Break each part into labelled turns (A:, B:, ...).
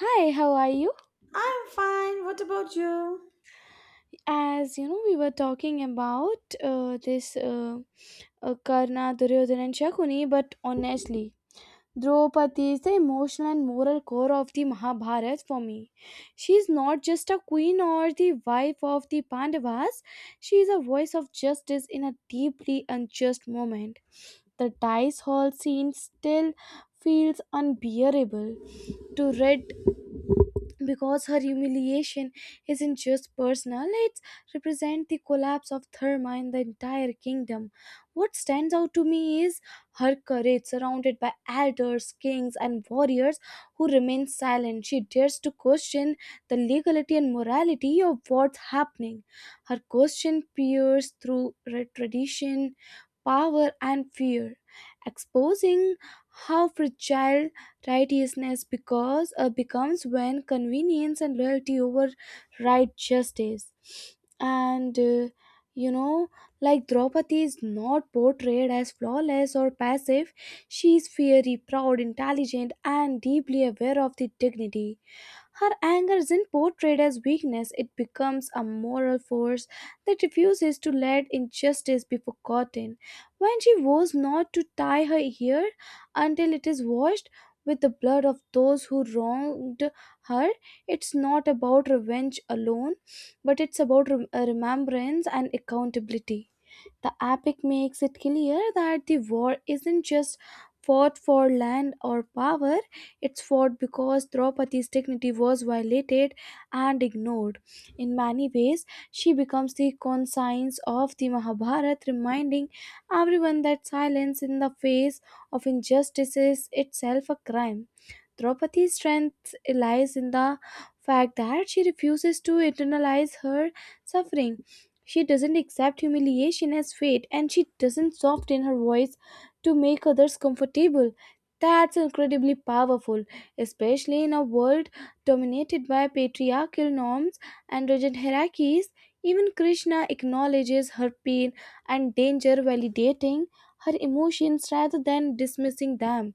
A: Hi, how are you?
B: I'm fine. What about you?
A: As you know, we were talking about this Karna, Duryodhana, and Shakuni, but honestly, Draupadi is the emotional and moral core of the Mahabharata for me. She is not just a queen or the wife of the Pandavas, she is a voice of justice in a deeply unjust moment. The dice hall scene still feels unbearable to red because her humiliation isn't just personal, it represents the collapse of therma in the entire kingdom. What stands out to me is her courage, surrounded by elders, kings, and warriors who remain silent. She dares to question the legality and morality of what's happening. Her question peers through tradition, power, and fear, exposing how fragile righteousness becomes when convenience and loyalty override justice. And uh, you know, like Draupadi is not portrayed as flawless or passive, she is fiery, proud, intelligent, and deeply aware of the dignity. Her anger isn't portrayed as weakness, it becomes a moral force that refuses to let injustice be forgotten. When she vows not to tie her hair until it is washed with the blood of those who wronged her, it's not about revenge alone, but it's about remembrance and accountability. The epic makes it clear that the war isn't just fought for land or power, it's fought because Draupadi's dignity was violated and ignored. In many ways, she becomes the conscience of the Mahabharata, reminding everyone that silence in the face of injustice is itself a crime. Draupadi's strength lies in the fact that she refuses to internalize her suffering. She doesn't accept humiliation as fate, and she doesn't soften her voice to make others comfortable. That's incredibly powerful, especially in a world dominated by patriarchal norms and rigid hierarchies. Even Krishna acknowledges her pain and danger, validating her emotions rather than dismissing them.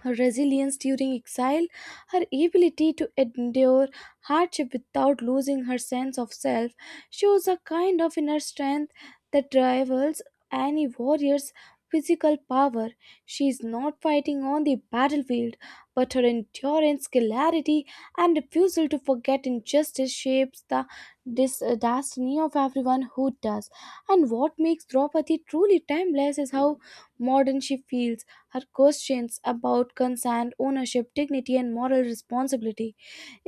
A: Her resilience during exile, her ability to endure hardship without losing her sense of self, shows a kind of inner strength that rivals any warrior's physical power. She is not fighting on the battlefield, but her endurance, clarity, and refusal to forget injustice shapes the destiny of everyone who does. And what makes Draupadi truly timeless is how modern she feels. Her questions about consent, ownership, dignity, and moral responsibility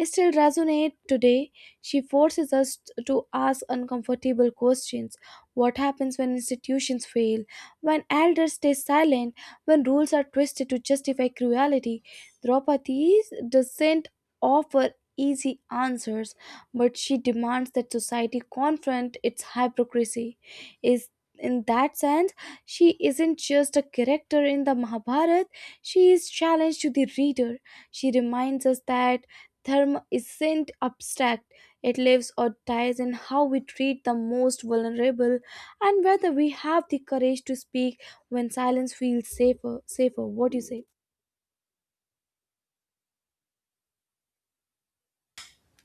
A: still resonate today. She forces us to ask uncomfortable questions. What happens when institutions fail? When elders stay silent? When rules are twisted to justify cruelty? Draupadi doesn't offer easy answers, but she demands that society confront its hypocrisy. Is in that sense, she isn't just a character in the Mahabharata, she is challenge to the reader. She reminds us that Dharma isn't abstract, it lives or dies in how we treat the most vulnerable and whether we have the courage to speak when silence feels safer. Safer, what do you say?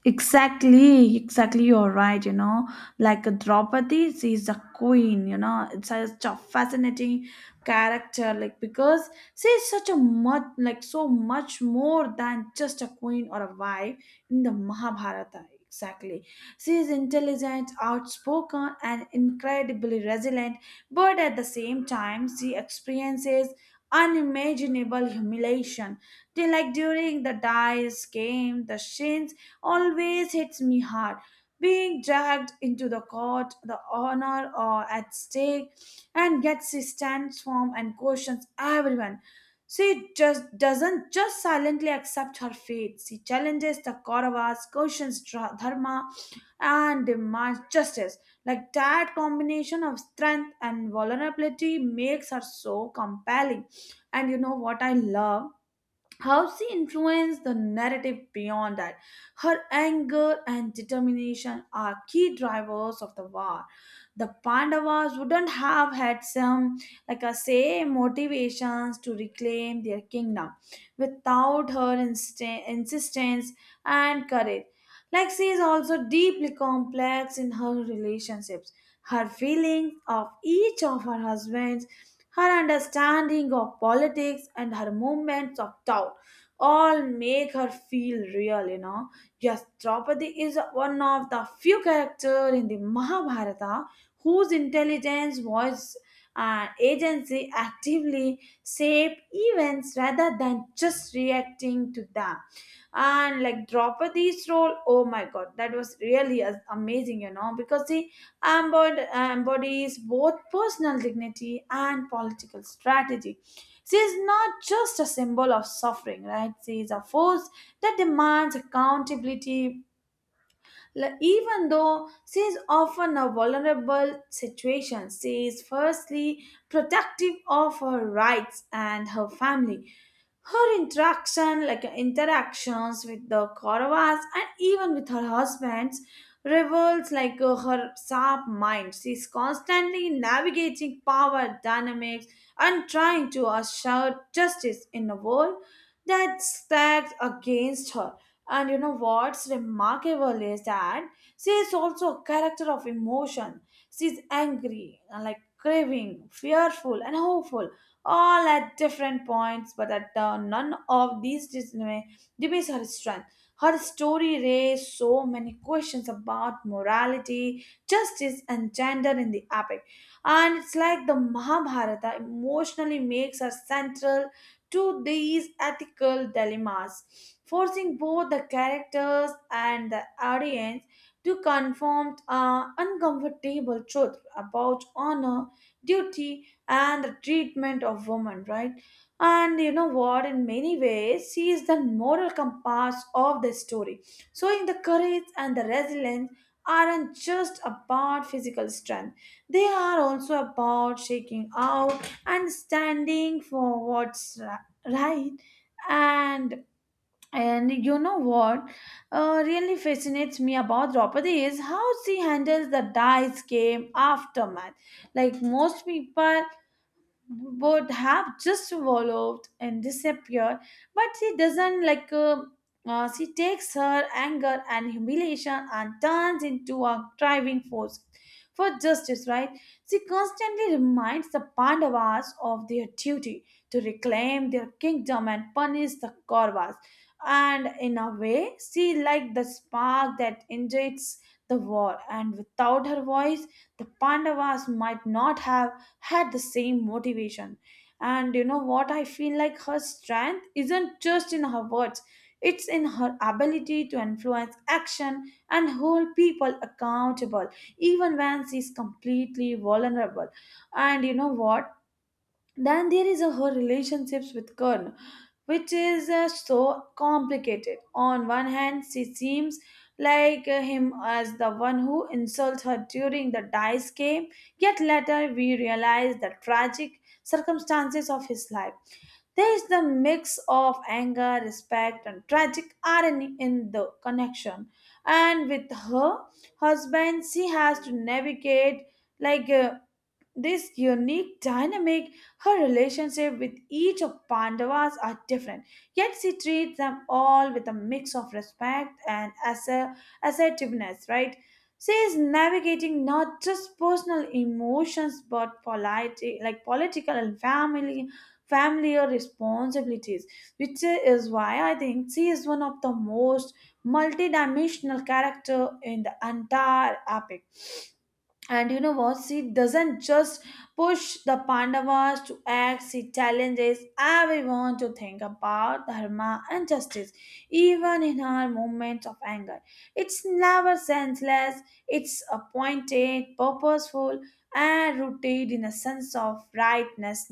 B: Exactly, exactly. You're right. You know, like Draupadi, she's a queen. You know, it's such a fascinating character. Because she's such a much, like so much more than just a queen or a wife in the Mahabharata. Exactly, she is intelligent, outspoken, and incredibly resilient. But at the same time, she experiences unimaginable humiliation. They, like during the dice game, the Shin always hits me hard. Being dragged into the court, the honor at stake, and gets his stance firm and questions everyone. She just doesn't just silently accept her fate. She challenges the Kauravas, questions dharma, and demands justice. Like that combination of strength and vulnerability makes her so compelling. And you know what I love? How she influenced the narrative beyond that. Her anger and determination are key drivers of the war. The Pandavas wouldn't have had some, like I say, motivations to reclaim their kingdom without her insistence and courage. Like she is also deeply complex in her relationships. Her feelings of each of her husbands, her understanding of politics, and her moments of doubt all make her feel real, you know. Yes, Draupadi is one of the few characters in the Mahabharata whose intelligence was agency actively shape events rather than just reacting to them. And like Draupadi's role, oh my god, that was really amazing, you know, because she embodies both personal dignity and political strategy. She is not just a symbol of suffering, right? She is a force that demands accountability. Even though she is often a vulnerable situation, she is firstly protective of her rights and her family. Her interaction, like interactions with the Kauravas and even with her husbands, reveals her sharp mind. She is constantly navigating power dynamics and trying to assure justice in a world that stacks against her. And you know what's remarkable is that she is also a character of emotion. She's angry, and like craving, fearful, and hopeful, all at different points, but at none of these diminishes her strength. Her story raised so many questions about morality, justice, and gender in the epic. And it's like the Mahabharata emotionally makes her central to these ethical dilemmas, forcing both the characters and the audience to confront an uncomfortable truth about honor, duty, and the treatment of women, right? And you know what? In many ways, she is the moral compass of the story, showing the courage and the resilience aren't just about physical strength, they are also about shaking out and standing for what's right. Right. And and you know what, really fascinates me about Draupadi is how she handles the dice game aftermath. Like most people would have just swallowed and disappeared, but she doesn't like she takes her anger and humiliation and turns into a driving force for justice, right? She constantly reminds the Pandavas of their duty to reclaim their kingdom and punish the Kauravas, and in a way she like the spark that ignites the war, and without her voice the Pandavas might not have had the same motivation. And you know what? I feel like her strength isn't just in her words, it's in her ability to influence action and hold people accountable, even when she's completely vulnerable. And you know what? Then there is a, her relationships with Kern, which is so complicated. On one hand, she seems like him as the one who insults her during the dice game, yet later we realize the tragic circumstances of his life. There is the mix of anger, respect, and tragic irony in the connection. And with her husband, she has to navigate like this unique dynamic. Her relationship with each of Pandavas are different, yet she treats them all with a mix of respect and assertiveness, right? She is navigating not just personal emotions but politi like political and family familiar responsibilities, which is why I think she is one of the most multidimensional character in the entire epic. And you know what? She doesn't just push the Pandavas to act, she challenges everyone to think about dharma and justice, even in her moments of anger. It's never senseless, it's appointed, purposeful, and rooted in a sense of rightness.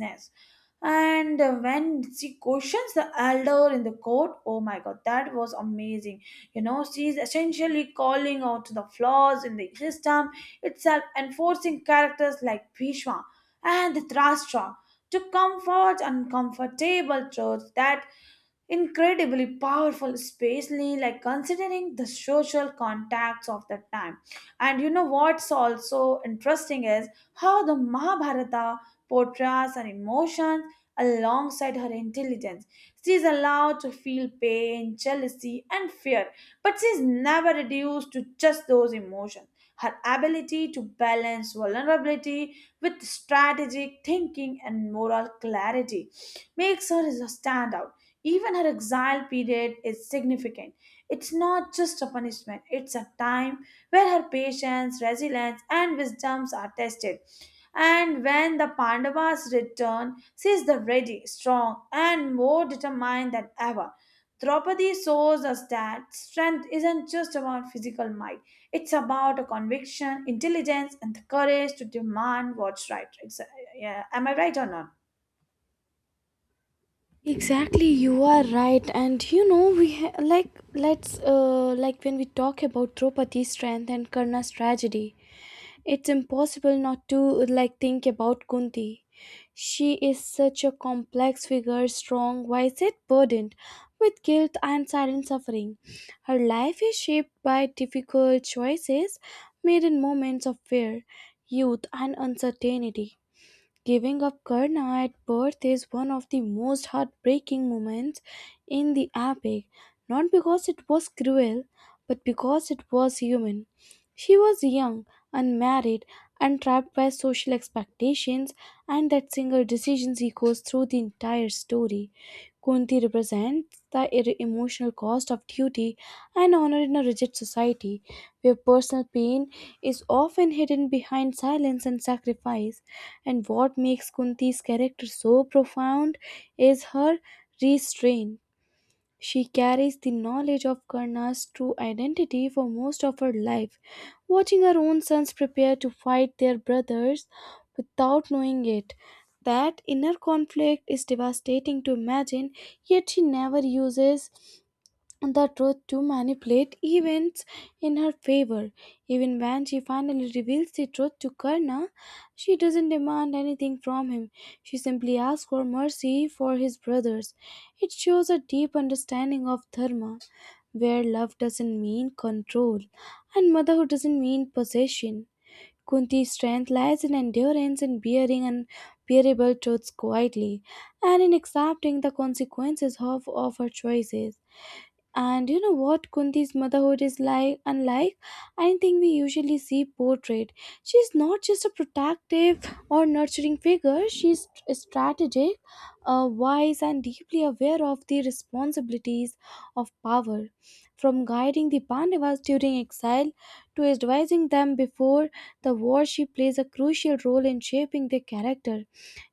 B: And when she questions the elder in the court, oh my god, that was amazing. You know, she's essentially calling out to the flaws in the system itself, enforcing characters like Bhishma and Drashtra to comfort uncomfortable truths. That incredibly powerful, especially like considering the social contacts of the time. And you know what's also interesting is how the Mahabharata portrays her emotions alongside her intelligence. She is allowed to feel pain, jealousy, and fear, but she is never reduced to just those emotions. Her ability to balance vulnerability with strategic thinking and moral clarity makes her a standout. Even her exile period is significant. It's not just a punishment, it's a time where her patience, resilience, and wisdoms are tested. And when the Pandavas return, she is the ready, strong, and more determined than ever. Draupadi shows us that strength isn't just about physical might, it's about a conviction, intelligence, and the courage to demand what's right. Yeah, am I right or not?
A: Exactly, you are right, and you know like let's like when we talk about Draupadi's strength and Karna's tragedy, it's impossible not to like think about Kunti. She is such a complex figure, strong, wise, yet burdened with guilt and silent suffering. Her life is shaped by difficult choices made in moments of fear, youth, and uncertainty. Giving up Karna at birth is one of the most heartbreaking moments in the epic, not because it was cruel, but because it was human. She was young, unmarried, and trapped by social expectations, and that single decision echoes through the entire story. Kunti represents the emotional cost of duty and honor in a rigid society where personal pain is often hidden behind silence and sacrifice. And what makes Kunti's character so profound is her restraint. She carries the knowledge of Karna's true identity for most of her life, watching her own sons prepare to fight their brothers without knowing it. That inner conflict is devastating to imagine, yet she never uses the truth to manipulate events in her favor. Even when she finally reveals the truth to Karna, she doesn't demand anything from him. She simply asks for mercy for his brothers. It shows a deep understanding of dharma, where love doesn't mean control and motherhood doesn't mean possession. Kunti's strength lies in endurance, in bearing unbearable truths quietly, and in accepting the consequences of her choices. And you know what, Kunti's motherhood is like unlike anything we usually see portrayed. She's not just a protective or nurturing figure, she's strategic, wise, and deeply aware of the responsibilities of power. From guiding the Pandavas during exile to advising them before the war, she plays a crucial role in shaping their character.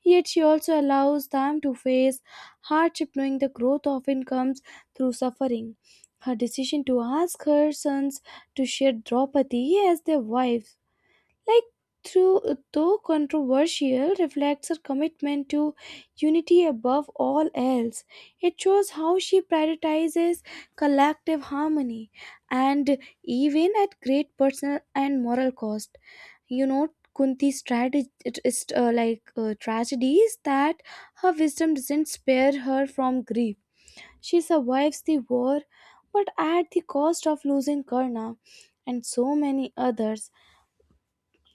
A: Yet she also allows them to face hardship, knowing the growth often comes through suffering. Her decision to ask her sons to share Draupadi as their wife, like through though controversial, reflects her commitment to unity above all else. It shows how she prioritizes collective harmony and even at great personal and moral cost. You know, Kunti's strategy, like tragedy is that her wisdom doesn't spare her from grief. She survives the war, but at the cost of losing Karna and so many others.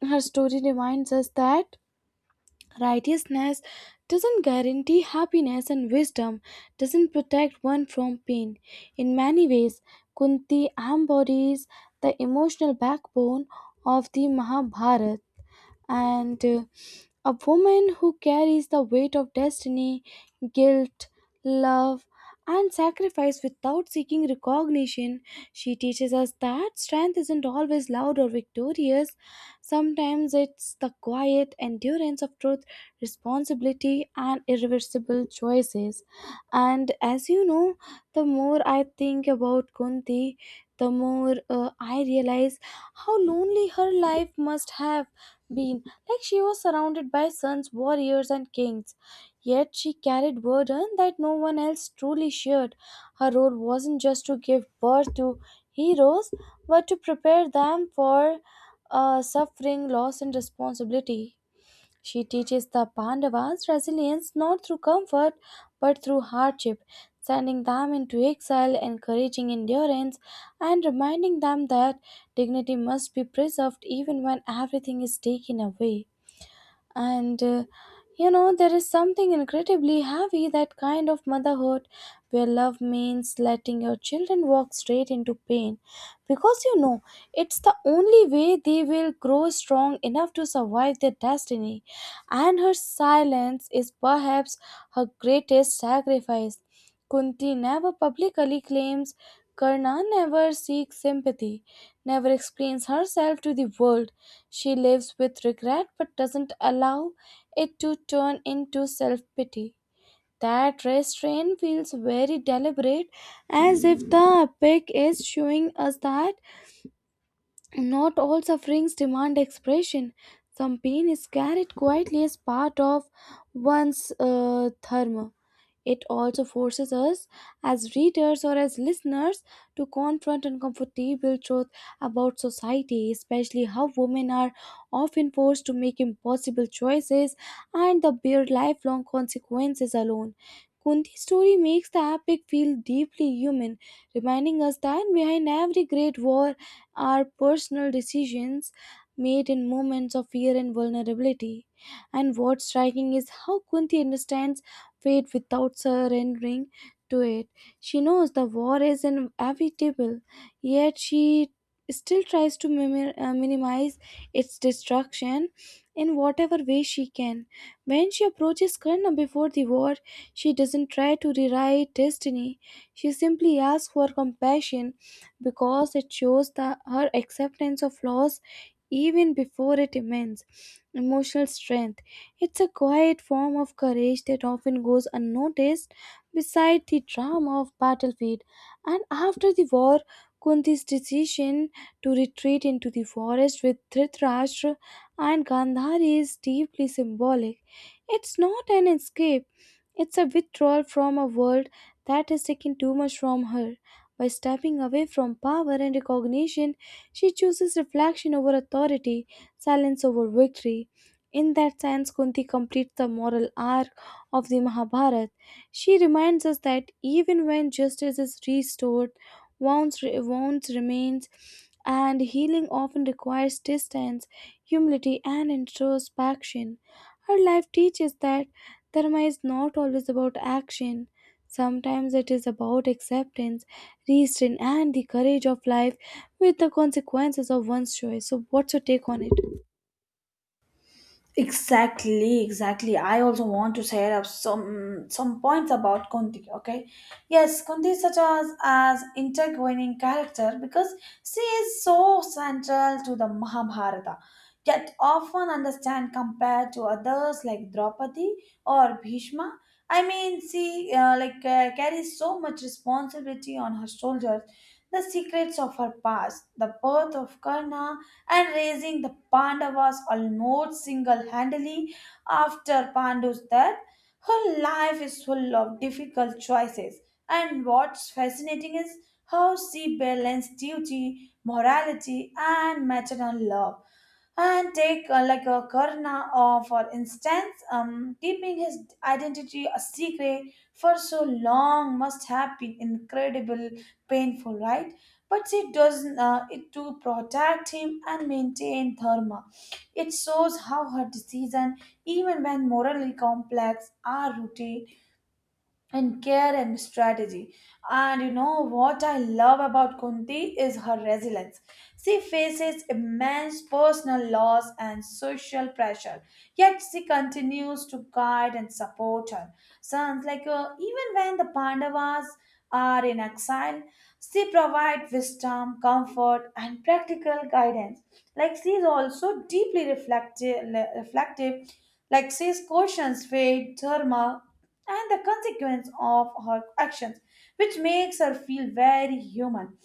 A: Her story reminds us that righteousness doesn't guarantee happiness, and wisdom doesn't protect one from pain. In many ways, Kunti embodies the emotional backbone of the Mahabharata, and a woman who carries the weight of destiny, guilt, love, and sacrifice without seeking recognition. She teaches us that strength isn't always loud or victorious. Sometimes it's the quiet endurance of truth, responsibility, and irreversible choices. And as you know, the more I think about Kunti, the more I realize how lonely her life must have been. Like she was surrounded by sons, warriors, and kings. Yet she carried burden that no one else truly shared. Her role wasn't just to give birth to heroes, but to prepare them for suffering, loss, and responsibility. She teaches the Pandavas resilience not through comfort but through hardship, sending them into exile, encouraging endurance, and reminding them that dignity must be preserved even when everything is taken away. And there is something incredibly heavy that kind of motherhood, where love means letting your children walk straight into pain because you know it's the only way they will grow strong enough to survive their destiny. And her silence is perhaps her greatest sacrifice. Kunti never publicly claims Karna, never seeks sympathy, never explains herself to the world. She lives with regret but doesn't allow it to turn into self pity. That restraint feels very deliberate, as if the epic is showing us that not all sufferings demand expression. Some pain is carried quietly as part of one's dharma. It also forces us, as readers or as listeners, to confront uncomfortable truth about society, especially how women are often forced to make impossible choices and the bear lifelong consequences alone. Kunti's story makes the epic feel deeply human, reminding us that behind every great war are personal decisions made in moments of fear and vulnerability. And what's striking is how Kunti understands fate without surrendering to it. She knows the war is inevitable, yet she still tries to minimize its destruction in whatever way she can. When she approaches Karna before the war, she doesn't try to rewrite destiny. She simply asks for compassion because it shows her acceptance of loss even before it, immense emotional strength. It's a quiet form of courage that often goes unnoticed beside the drama of battlefield. And after the war, Kunti's decision to retreat into the forest with Dhritarashtra and Gandhari is deeply symbolic. It's not an escape, it's a withdrawal from a world that has taken too much from her. By stepping away from power and recognition, she chooses reflection over authority, silence over victory. In that sense, Kunti completes the moral arc of the Mahabharata. She reminds us that even when justice is restored, wounds remains, and healing often requires distance, humility, and introspection. Her life teaches that dharma is not always about action. Sometimes it is about acceptance, restraint, and the courage of life with the consequences of one's choice. So, what's your take on it?
B: Exactly, exactly. I also want to share up some points about Kunti. Okay, yes, Kunti is such as intertwining character because she is so central to the Mahabharata, yet often understand compared to others like Draupadi or Bhishma. I mean, she carries so much responsibility on her shoulders. The secrets of her past, the birth of Karna, and raising the Pandavas almost single handedly after Pandu's death. Her life is full of difficult choices, and what's fascinating is how she balanced duty, morality, and maternal love. And take like a Karna, or for instance, keeping his identity a secret for so long must have been incredible painful, right? But it does it to protect him and maintain dharma. It shows how her decision, even when morally complex, are rooted and care and strategy. And you know what I love about Kunti is her resilience. She faces immense personal loss and social pressure, yet she continues to guide and support her sons. Like even when the Pandavas are in exile, she provides wisdom, comfort, and practical guidance. Like she is also deeply reflective. Like she's questions faith, dharma, and the consequence of her actions, which makes her feel very human.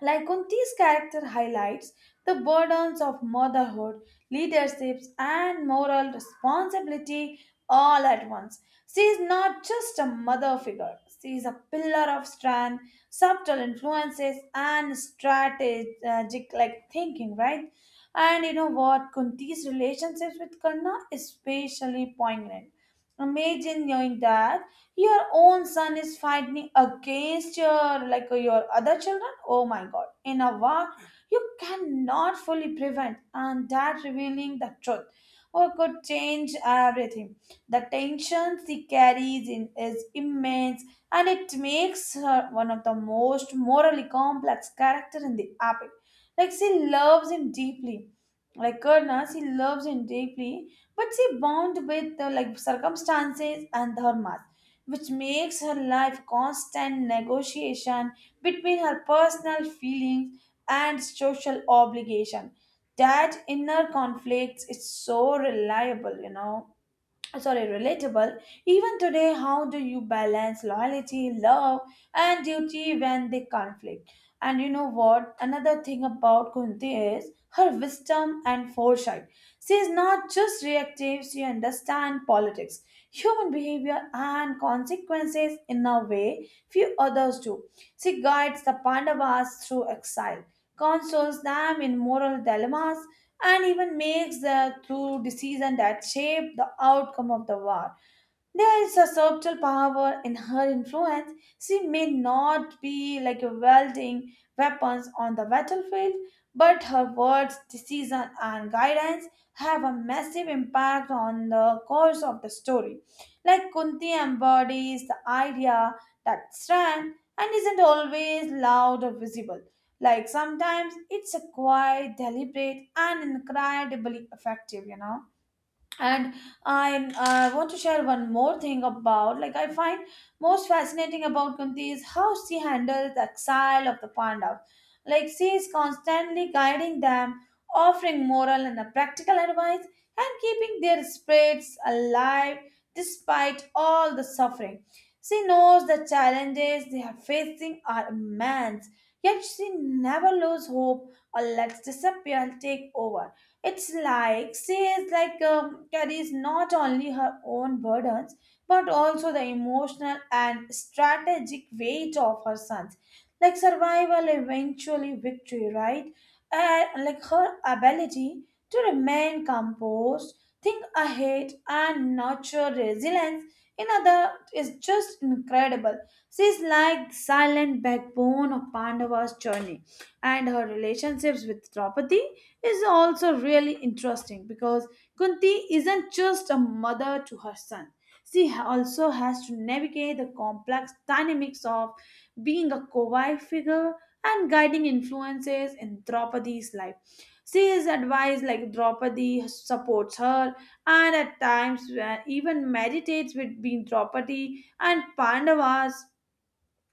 B: Like Kunti's character highlights the burdens of motherhood, leaderships, and moral responsibility all at once. She is not just a mother figure, she is a pillar of strength, subtle influences, and strategic like thinking, right? And you know what? Kunti's relationships with Karna is especially poignant. Imagine knowing that your own son is fighting against your like your other children. Oh my God! In a war you cannot fully prevent, and that revealing the truth, or could change everything. The tension she carries in is immense, and it makes her one of the most morally complex character in the epic. Like she loves him deeply, like Karna, she loves him deeply, but she bound with like circumstances and dharmas, which makes her life constant negotiation between her personal feelings and social obligation. That inner conflict is so reliable, you know, sorry, relatable even today. How do you balance loyalty, love, and duty when they conflict? And you know what, another thing about Kunti is her wisdom and foresight. She is not just reactive, she understands politics, human behavior, and consequences in a way few others do. She guides the Pandavas through exile, consoles them in moral dilemmas, and even makes the through decision that shape the outcome of the war. There is a subtle power in her influence. She may not be like a wielding weapons on the battlefield, but her words, decision, and guidance have a massive impact on the course of the story. Like Kunti embodies the idea that strength and isn't always loud or visible. Like sometimes it's a quiet, deliberate, and incredibly effective, you know. And I want to share one more thing about like I find most fascinating about Kunti is how she handles the exile of the Pandavas. Like she is constantly guiding them, offering moral and a practical advice, and keeping their spirits alive despite all the suffering. She knows the challenges they are facing are immense, yet she never loses hope or lets disappear take over. It's like she is like carries not only her own burdens but also the emotional and strategic weight of her sons, like survival, eventually victory, right? And like her ability to remain composed, think ahead, and nurture resilience. In other, is just incredible. She is like silent backbone of Pandava's journey, and her relationships with Draupadi is also really interesting because Kunti isn't just a mother to her son. Also has to navigate the complex dynamics of being a co-wife figure and guiding influences in Draupadi's life. She is advised like Draupadi supports her, and at times even meditates between Draupadi and Pandavas.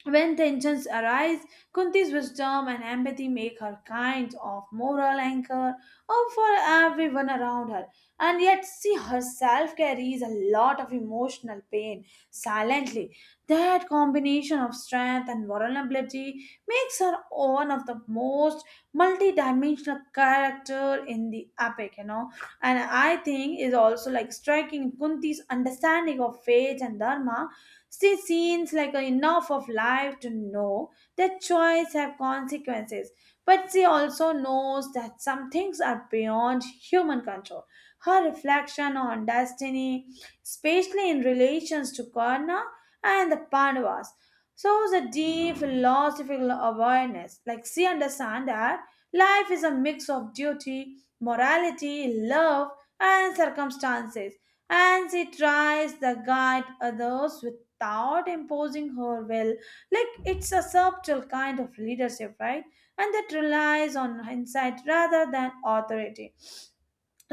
B: When tensions arise, Kunti's wisdom and empathy make her kind of moral anchor or for everyone around her. And yet, she herself carries a lot of emotional pain silently. That combination of strength and vulnerability makes her one of the most multi-dimensional character in the epic, you know. And I think is also like striking Kunti's understanding of fate and dharma. She seems like enough of life to know that choice have consequences, but she also knows that some things are beyond human control. Her reflection on destiny, especially in relations to Karna and the Pandavas, shows a deep philosophical awareness. Like she understands that life is a mix of duty, morality, love, and circumstances, and she tries to guide others with without imposing her will. Like it's a subtle kind of leadership, right? And that relies on insight rather than authority.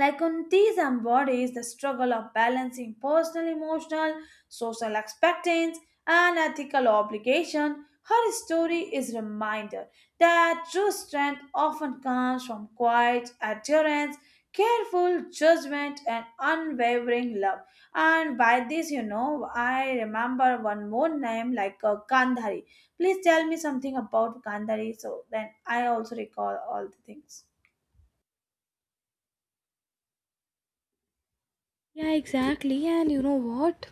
B: Like on these embodies the struggle of balancing personal, emotional, social expectations, and ethical obligation. Her story is reminder that true strength often comes from quiet adherence, careful judgment, and unwavering love. And by this, you know, I remember one more name, like Gandhari. Please tell me something about Gandhari so then I also recall all the things.
A: Yeah, exactly. And you know what?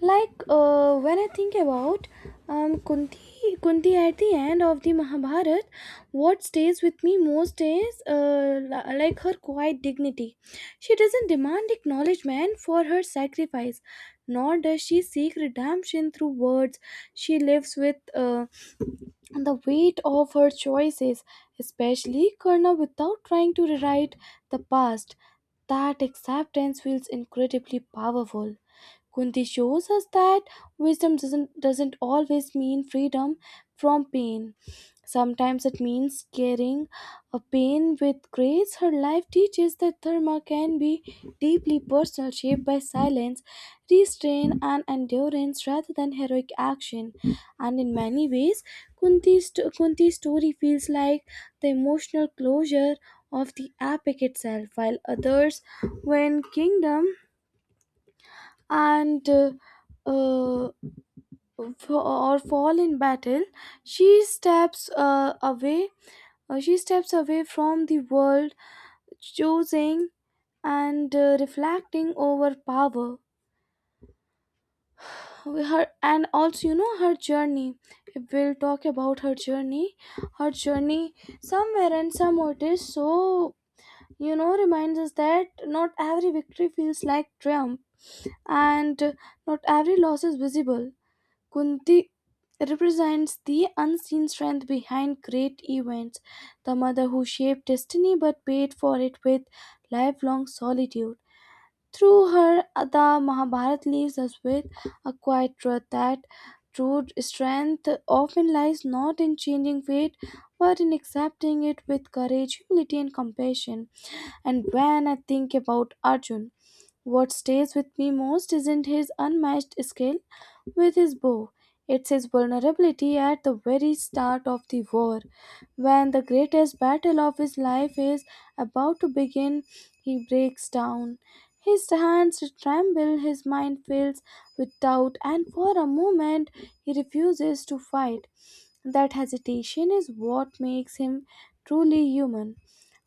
A: When I think about Kunti at the end of the Mahabharata, what stays with me most is like her quiet dignity. She doesn't demand acknowledgement for her sacrifice, nor does she seek redemption through words. She lives with. The weight of her choices, especially Karna, without trying to rewrite the past. That acceptance feels incredibly powerful. Kunti shows us that wisdom doesn't always mean freedom from pain. Sometimes it means carrying a pain with grace. Her life teaches that dharma can be deeply personal, shaped by silence, restraint, and endurance rather than heroic action. And in many ways, Kunti's story feels like the emotional closure of the epic itself, while others win kingdom and uh, uh, or fall in battle. She steps away. She steps away from the world, choosing and reflecting over power. Her and also her journey. We'll talk about her journey. Her journey somewhere and somewhere it is so reminds us that not every victory feels like triumph and not every loss is visible. Kunti represents the unseen strength behind great events, the mother who shaped destiny but paid for it with lifelong solitude. Through her, the Mahabharata leaves us with a quiet truth that true strength often lies not in changing fate but in accepting it with courage, humility, and compassion. And when I think about Arjun, what stays with me most isn't his unmatched skill with his bow, it's his vulnerability at the very start of the war. When the greatest battle of his life is about to begin, he breaks down. His hands tremble, his mind fills with doubt, and for a moment he refuses to fight. That hesitation is what makes him truly human.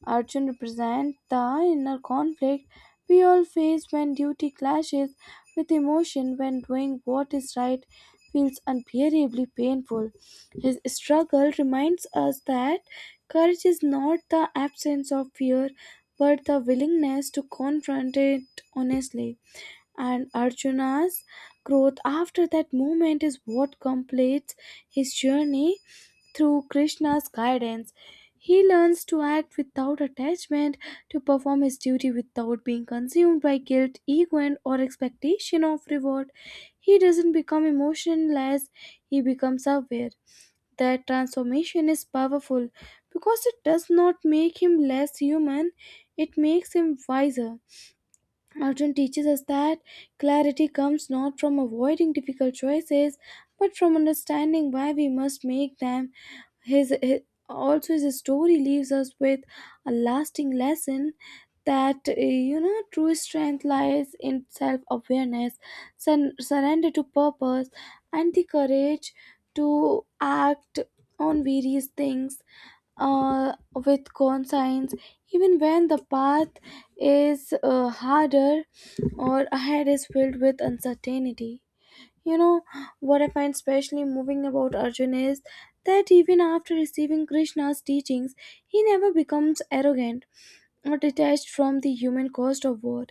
A: Arjun represents the inner conflict we all face when duty clashes with emotion, when doing what is right feels unbearably painful. His struggle reminds us that courage is not the absence of fear, but the willingness to confront it honestly. And Arjuna's growth after that moment is what completes his journey through Krishna's guidance, he learns to act without attachment, to perform his duty without being consumed by guilt, ego, and or expectation of reward. He doesn't become emotionless, he becomes aware. That transformation is powerful because it does not make him less human, it makes him wiser. Arjun teaches us that clarity comes not from avoiding difficult choices but from understanding why we must make them his also his story leaves us with a lasting lesson that true strength lies in self-awareness, surrender to purpose, and the courage to act on various things with conscience, even when the path is harder or ahead is filled with uncertainty. You know, what I find especially moving about Arjun is that even after receiving Krishna's teachings, he never becomes arrogant or detached from the human cost of war.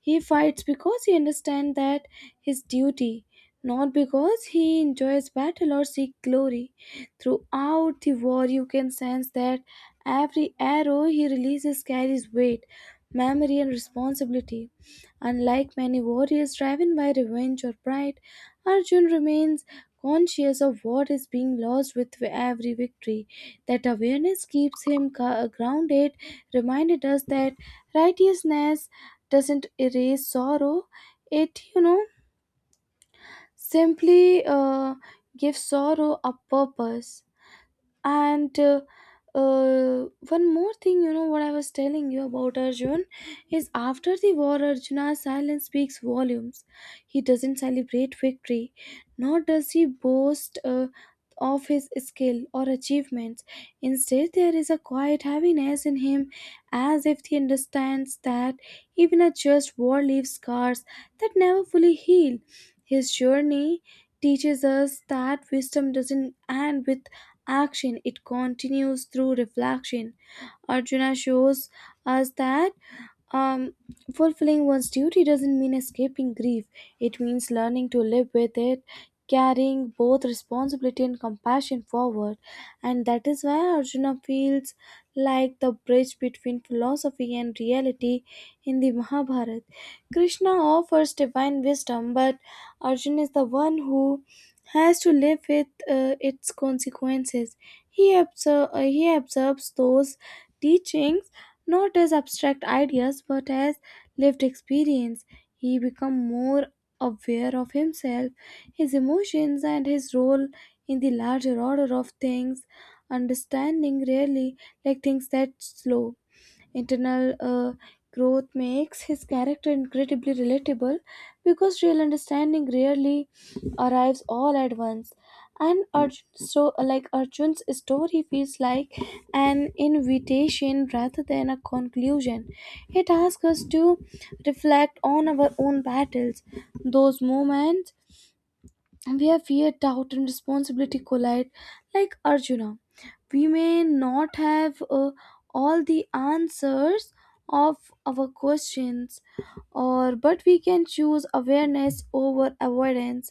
A: He fights because he understands that his duty, not because he enjoys battle or seek glory. Throughout the war, you can sense that every arrow he releases carries weight, memory, and responsibility. Unlike many warriors driven by revenge or pride, Arjun remains conscious of what is being lost with every victory. That awareness keeps him grounded, reminded us that righteousness doesn't erase sorrow. It, simply gives sorrow a purpose and one more thing what I was telling you about Arjun is after the war Arjuna's silence speaks volumes. He doesn't celebrate victory nor does he boast of his skill or achievements. Instead there is a quiet heaviness in him as if he understands that even a just war leaves scars that never fully heal. His journey teaches us that wisdom doesn't end with action, it continues through reflection. Arjuna shows us that um, fulfilling one's duty doesn't mean escaping grief. It means learning to live with it, carrying both responsibility and compassion forward. And that is why Arjuna feels like the bridge between philosophy and reality in the Mahabharata. Krishna offers divine wisdom, but Arjuna is the one who has to live with its consequences. He absorbs those teachings not as abstract ideas but as lived experience. He became more aware of himself, his emotions, and his role in the larger order of things, understanding really like things that slow. Internal growth makes his character incredibly relatable because real understanding rarely arrives all at once. And Arjun's story feels like an invitation rather than a conclusion. It asks us to reflect on our own battles, those moments and where fear, doubt, and responsibility collide, like Arjuna. We may not have all the answers of our questions, or but we can choose awareness over avoidance,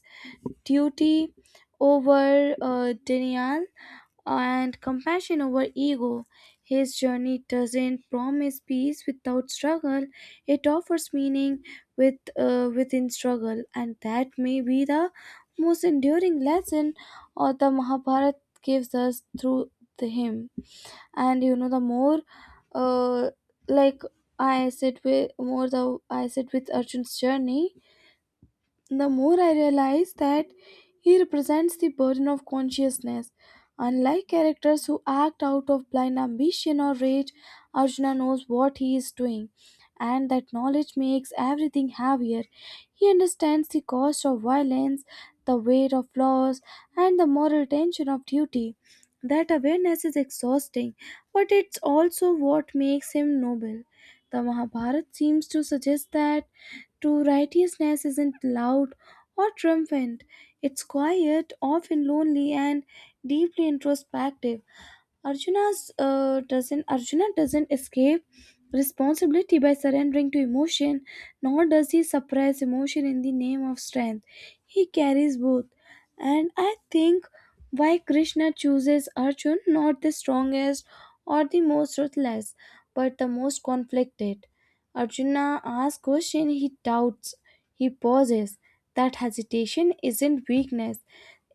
A: duty over denial, and compassion over ego. His journey doesn't promise peace without struggle, it offers meaning within struggle, and that may be the most enduring lesson or the Mahabharata gives us through the him. And you know, the more uh, like I sit with more the I sit with Arjun's journey, the more I realize that he represents the burden of consciousness. Unlike characters who act out of blind ambition or rage, Arjuna knows what he is doing, and that knowledge makes everything heavier. He understands the cost of violence, the weight of loss, and the moral tension of duty. That awareness is exhausting, but it's also what makes him noble. The Mahabharata seems to suggest that true righteousness isn't loud or triumphant, it's quiet, often lonely, and deeply introspective. Arjuna doesn't escape responsibility by surrendering to emotion, nor does he suppress emotion in the name of strength. He carries both. And I think why Krishna chooses Arjun, not the strongest or the most ruthless, but the most conflicted. Arjuna asks question, he doubts, he pauses. That hesitation isn't weakness,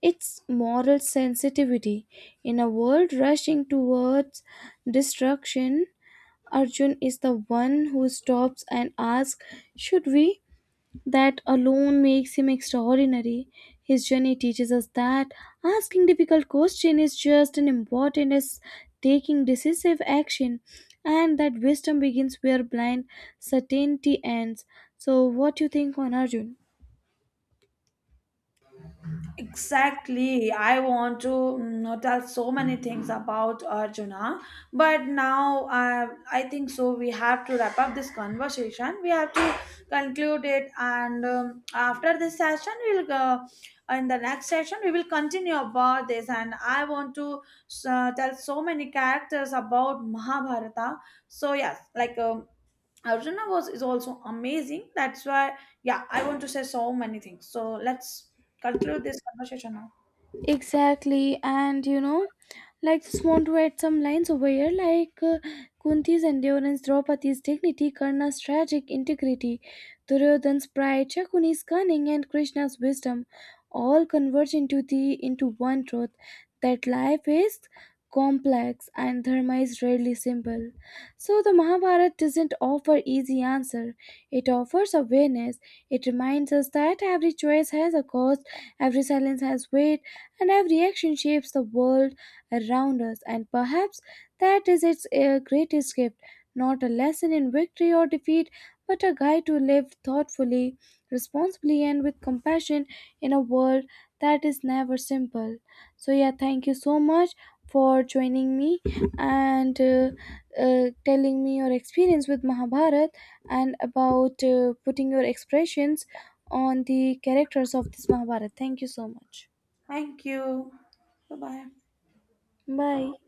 A: it's moral sensitivity. In a world rushing towards destruction, Arjun is the one who stops and asks, should we? That alone makes him extraordinary. His journey teaches us that asking difficult questions is just as important as taking decisive action, and that wisdom begins where blind certainty ends. So, what do you think on Arjun?
B: Exactly. I want to tell so many things about Arjuna, but now I think so. We have to wrap up this conversation. We have to conclude it, and after this session, we'll go in the next session. We will continue about this, and I want to tell so many characters about Mahabharata. So yes, like Arjuna was is also amazing. That's why, yeah, I want to say so many things. So let's conclude this conversation now.
A: Exactly, and you know, like just want to add some lines over here, like Kunti's endurance, Draupadi's dignity, Karna's tragic integrity, Duryodhan's pride, Shakuni's cunning, and Krishna's wisdom, all converge into the into one truth that life is complex and dharma is rarely simple. So the Mahabharata doesn't offer easy answer; it offers awareness. It reminds us that every choice has a cost, every silence has weight and our reaction shapes the world around us. And perhaps that is its greatest gift, not a lesson in victory or defeat, but a guide to live thoughtfully, responsibly, and with compassion in a world that is never simple. So, yeah, thank you so much for joining me and telling me your experience with Mahabharat and about putting your expressions on the characters of this Mahabharat. Thank you so much.
B: Thank you. Bye bye.
A: Bye.